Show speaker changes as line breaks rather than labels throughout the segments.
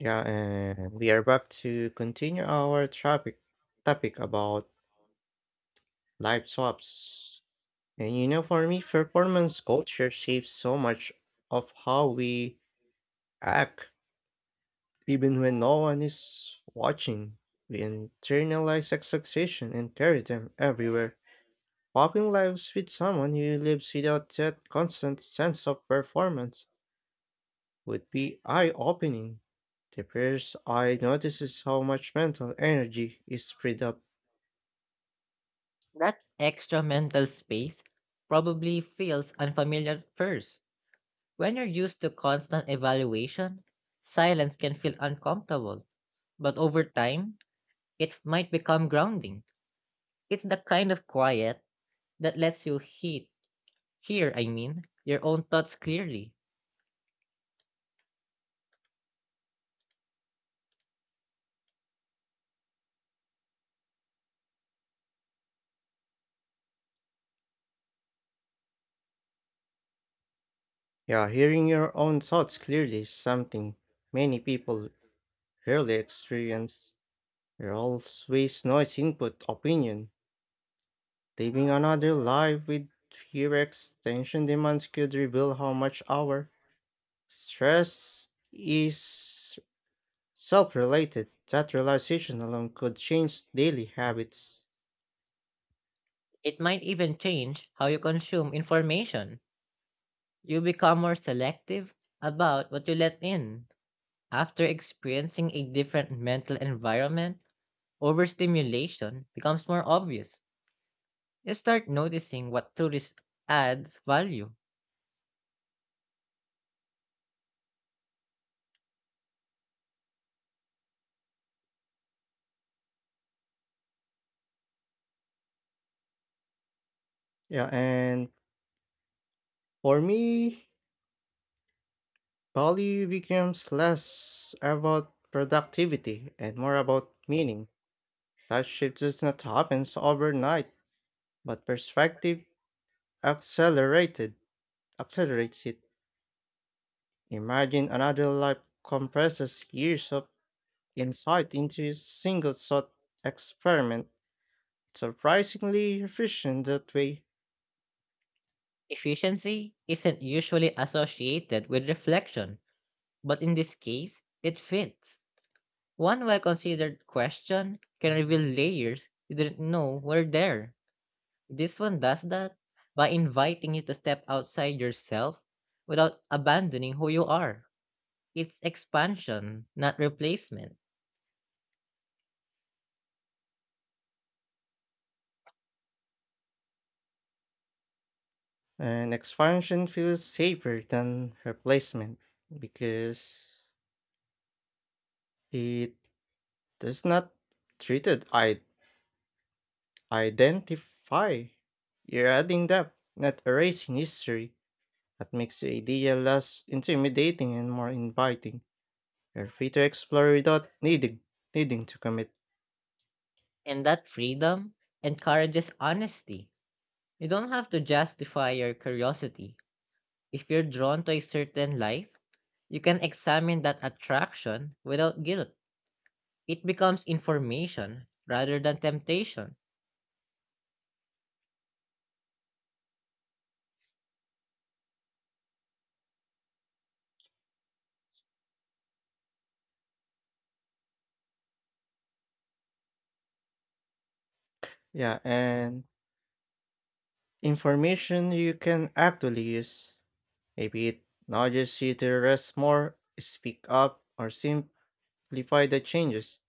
Yeah, and we are back to continue our topic about life swaps. And you know, for me, performance culture shapes so much of how we act, even when no one is watching. We internalize expectation and carry them everywhere. Walking lives with someone who lives without that constant sense of performance would be eye-opening. The first I notice is how much mental energy is freed up.
That extra mental space probably feels unfamiliar at first. When you're used to constant evaluation, silence can feel uncomfortable, but over time, it might become grounding. It's the kind of quiet that lets you hear your own thoughts clearly.
Yeah, hearing your own thoughts clearly is something many people rarely experience. You're always noise input opinion. Living another life with fewer extension demands could reveal how much our stress is self related. That realization alone could change daily habits.
It might even change how you consume information. You become more selective about what you let in. After experiencing a different mental environment, overstimulation becomes more obvious. You start noticing what adds value.
Yeah, and for me, value becomes less about productivity and more about meaning. That shift does not happen overnight, but perspective accelerated accelerates it. Imagine another life compresses years of insight into a single thought experiment. It's surprisingly efficient that way.
Efficiency isn't usually associated with reflection, but in this case, it fits. One well considered question can reveal layers you didn't know were there. This one does that by inviting you to step outside yourself without abandoning who you are. It's expansion, not replacement.
And expansion feels safer than replacement because it does not treated I identify. You're adding depth, not erasing history. That makes the idea less intimidating and more inviting. You're free to explore without needing to commit.
And that freedom encourages honesty. You don't have to justify your curiosity. If you're drawn to a certain life, you can examine that attraction without guilt. It becomes information rather than temptation.
Yeah, and information you can actually use. Maybe it nudges you to rest more, speak up, or simplify the changes.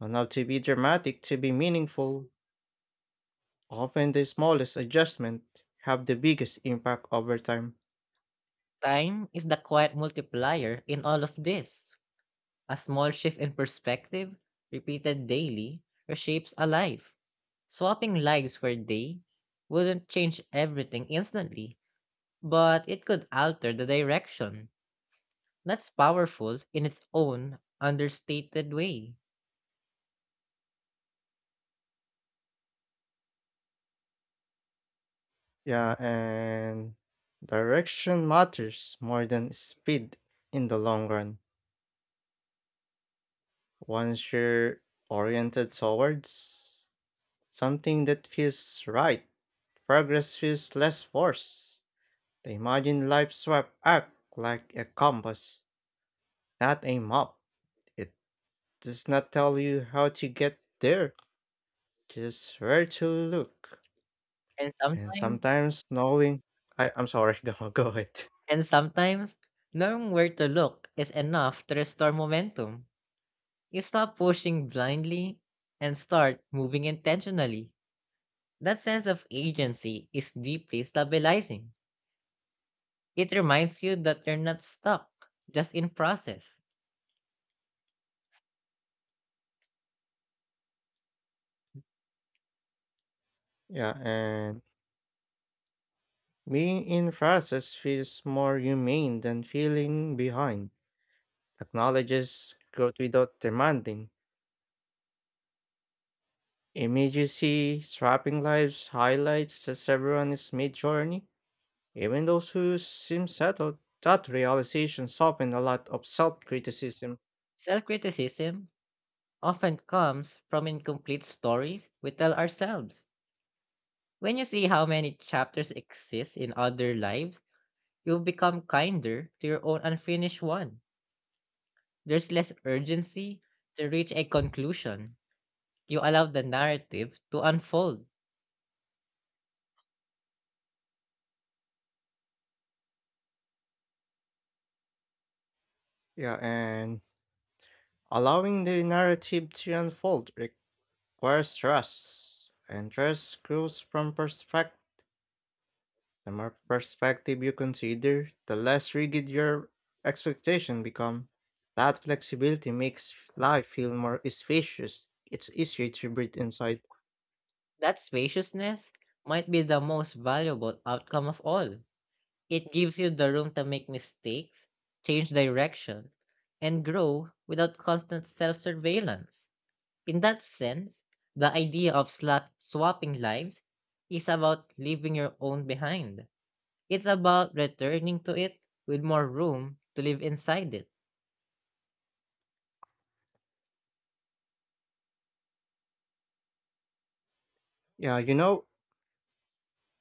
Don't have to be dramatic to be meaningful. Often the smallest adjustment have the biggest impact over time.
Time is the quiet multiplier in all of this. A small shift in perspective, repeated daily, reshapes a life. Swapping lives for a day wouldn't change everything instantly, but it could alter the direction. That's powerful in its own understated way.
Yeah, and direction matters more than speed in the long run. Once you're oriented towards something that feels right, progress feels less forced. The imagine life swept up like a compass, not a map. It does not tell you how to get there, just where to look.
And
And
sometimes
sometimes knowing I'm sorry, go ahead.
and sometimes knowing where to look is enough to restore momentum. You stop pushing blindly and start moving intentionally. That sense of agency is deeply stabilizing. It reminds you that you're not stuck, just in process.
Yeah, and being in process feels more humane than feeling behind. Acknowledges growth without demanding immediacy. Strapping lives highlights that everyone is mid-journey, even those who seem settled. That realization softened a lot of self-criticism.
Self-criticism often comes from incomplete stories we tell ourselves. When you see how many chapters exist in other lives, you've become kinder to your own unfinished one. There's less urgency to reach a conclusion. You allow the narrative to unfold.
Yeah, and allowing the narrative to unfold requires trust, and trust grows from perspective. The more perspective you consider, the less rigid your expectation become. That flexibility makes life feel more spacious. It's easier to breathe inside.
That spaciousness might be the most valuable outcome of all. It gives you the room to make mistakes, change direction, and grow without constant self surveillance. In that sense, the idea of slot swapping lives is about leaving your own behind. It's about returning to it with more room to live inside it.
Yeah, you know,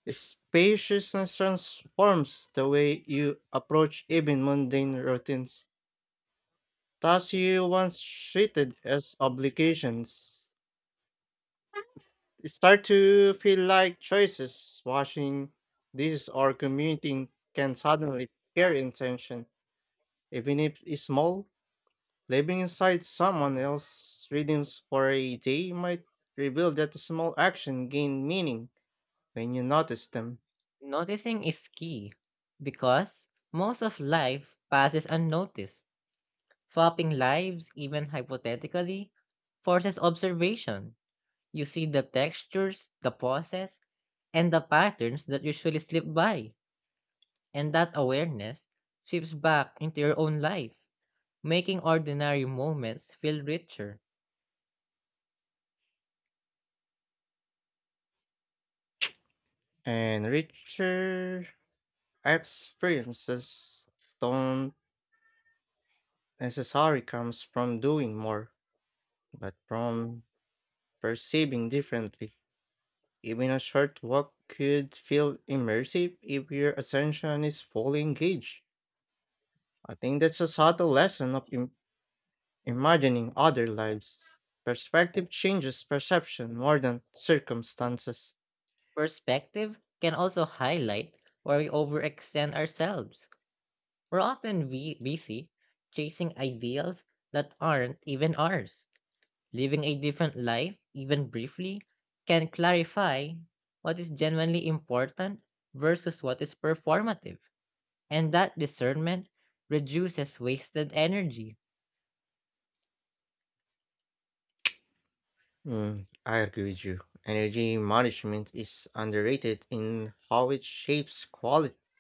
spaciousness transforms the way you approach even mundane routines. Tasks you once treated as obligations start to feel like choices. Washing dishes or commuting can suddenly carry intention, even if it's small. Living inside someone else's rhythms for a day might reveal that the small action gain meaning when you notice them.
Noticing is key because most of life passes unnoticed. Swapping lives, even hypothetically, forces observation. You see the textures, the pauses, and the patterns that usually slip by. And that awareness shifts back into your own life, making ordinary moments feel richer.
And richer experiences don't necessarily comes from doing more, but from perceiving differently. Even a short walk could feel immersive if your attention is fully engaged. I think that's a subtle lesson of imagining other lives. Perspective changes perception more than circumstances.
Perspective can also highlight where we overextend ourselves. We're often busy chasing ideals that aren't even ours. Living a different life, even briefly, can clarify what is genuinely important versus what is performative. And that discernment reduces wasted energy.
Mm, I agree with you. Energy management is underrated in how it shapes quality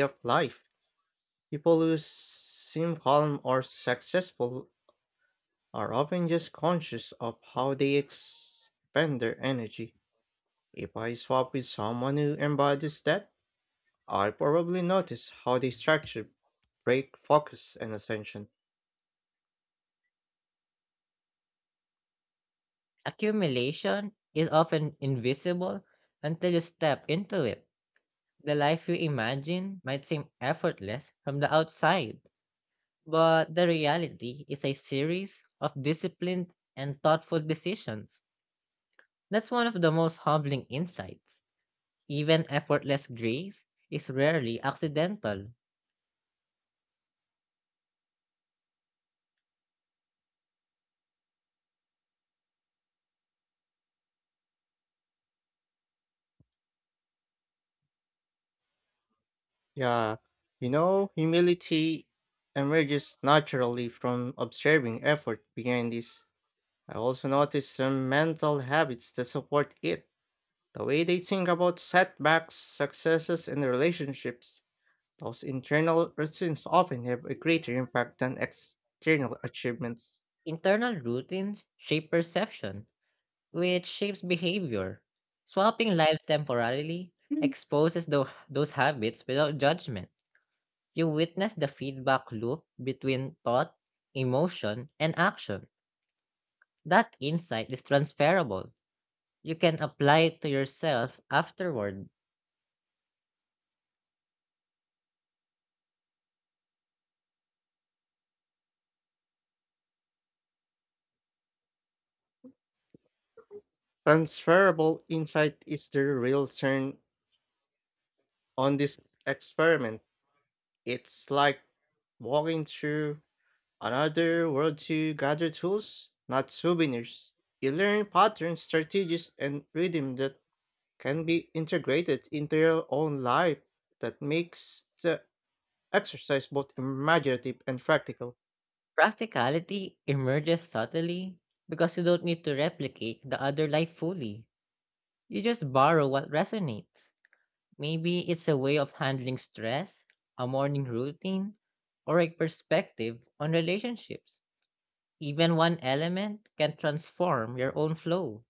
of life. People who seem calm or successful are often just conscious of how they expend their energy. If I swap with someone who embodies that, I probably notice how they structure, break, focus, and attention.
Accumulation is often invisible until you step into it. The life we imagine might seem effortless from the outside, but the reality is a series of disciplined and thoughtful decisions. That's one of the most humbling insights. Even effortless grace is rarely accidental.
Yeah, you know, humility emerges naturally from observing effort behind this. I also notice some mental habits that support it, the way they think about setbacks, successes, and relationships. Those internal routines often have a greater impact than external achievements.
Internal routines shape perception, which shapes behavior. Swapping lives temporarily
Mm.
exposes those habits without judgment. You witness the feedback loop between thought, emotion, and action. That insight is transferable. You can apply it to yourself afterward.
Transferable insight is the real turn on this experiment. It's like walking through another world to gather tools, not souvenirs. You learn patterns, strategies, and rhythm that can be integrated into your own life. That makes the exercise both imaginative and practical.
Practicality emerges subtly because you don't need to replicate the other life fully. You just borrow what resonates. Maybe it's a way of handling stress, a morning routine, or a perspective on relationships. Even one element can transform your own flow.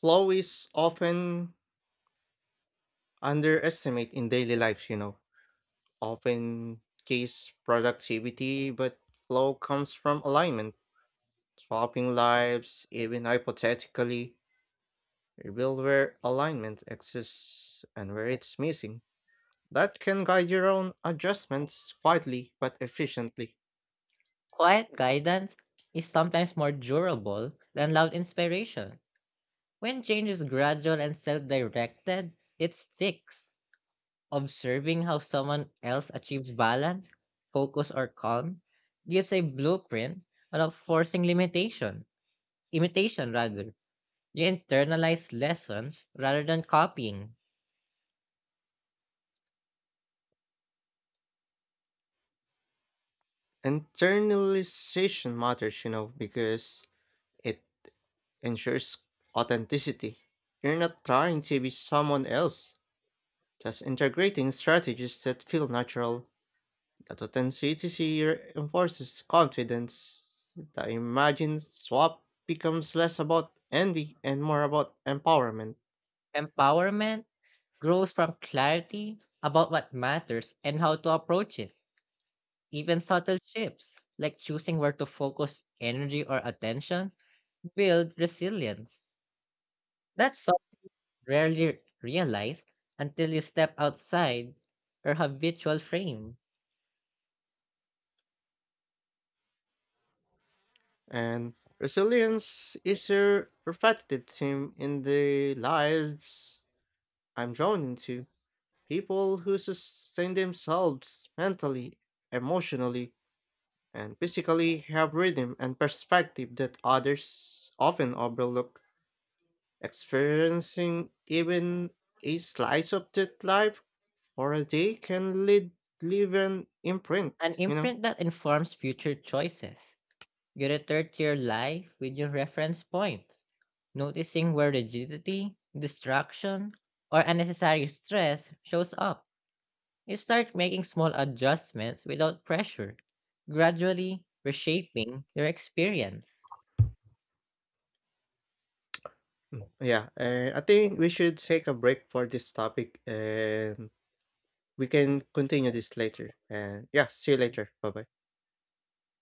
Flow is often underestimate in daily life, you know. Often case productivity, but flow comes from alignment. Swapping lives, even hypothetically, reveal where alignment exists and where it's missing. That can guide your own adjustments quietly but efficiently.
Quiet guidance is sometimes more durable than loud inspiration. When change is gradual and self directed, it sticks. Observing how someone else achieves balance, focus, or calm gives a blueprint without forcing limitation. Imitation, rather. You internalize lessons rather than copying.
Internalization matters, you know, because it ensures authenticity. You're not trying to be someone else, just integrating strategies that feel natural. The authenticity reinforces confidence. The imagine swap becomes less about envy and more about empowerment.
Empowerment grows from clarity about what matters and how to approach it. Even subtle shifts, like choosing where to focus energy or attention, build resilience. That's something rarely realized until you step outside your habitual frame,
And resilience is a repetitive theme in the lives I'm drawn into. People who sustain themselves mentally, emotionally, and physically have rhythm and perspective that others often overlook. Experiencing even a slice of that life for a day can lead, leave an imprint,
an
you know?
imprint that informs future choices. You return to your life with your reference points, noticing where rigidity, distraction, or unnecessary stress shows up. You start making small adjustments without pressure, gradually reshaping your experience.
Mm. Yeah, I think we should take a break for this topic and we can continue this later. And yeah, see you later. Bye bye.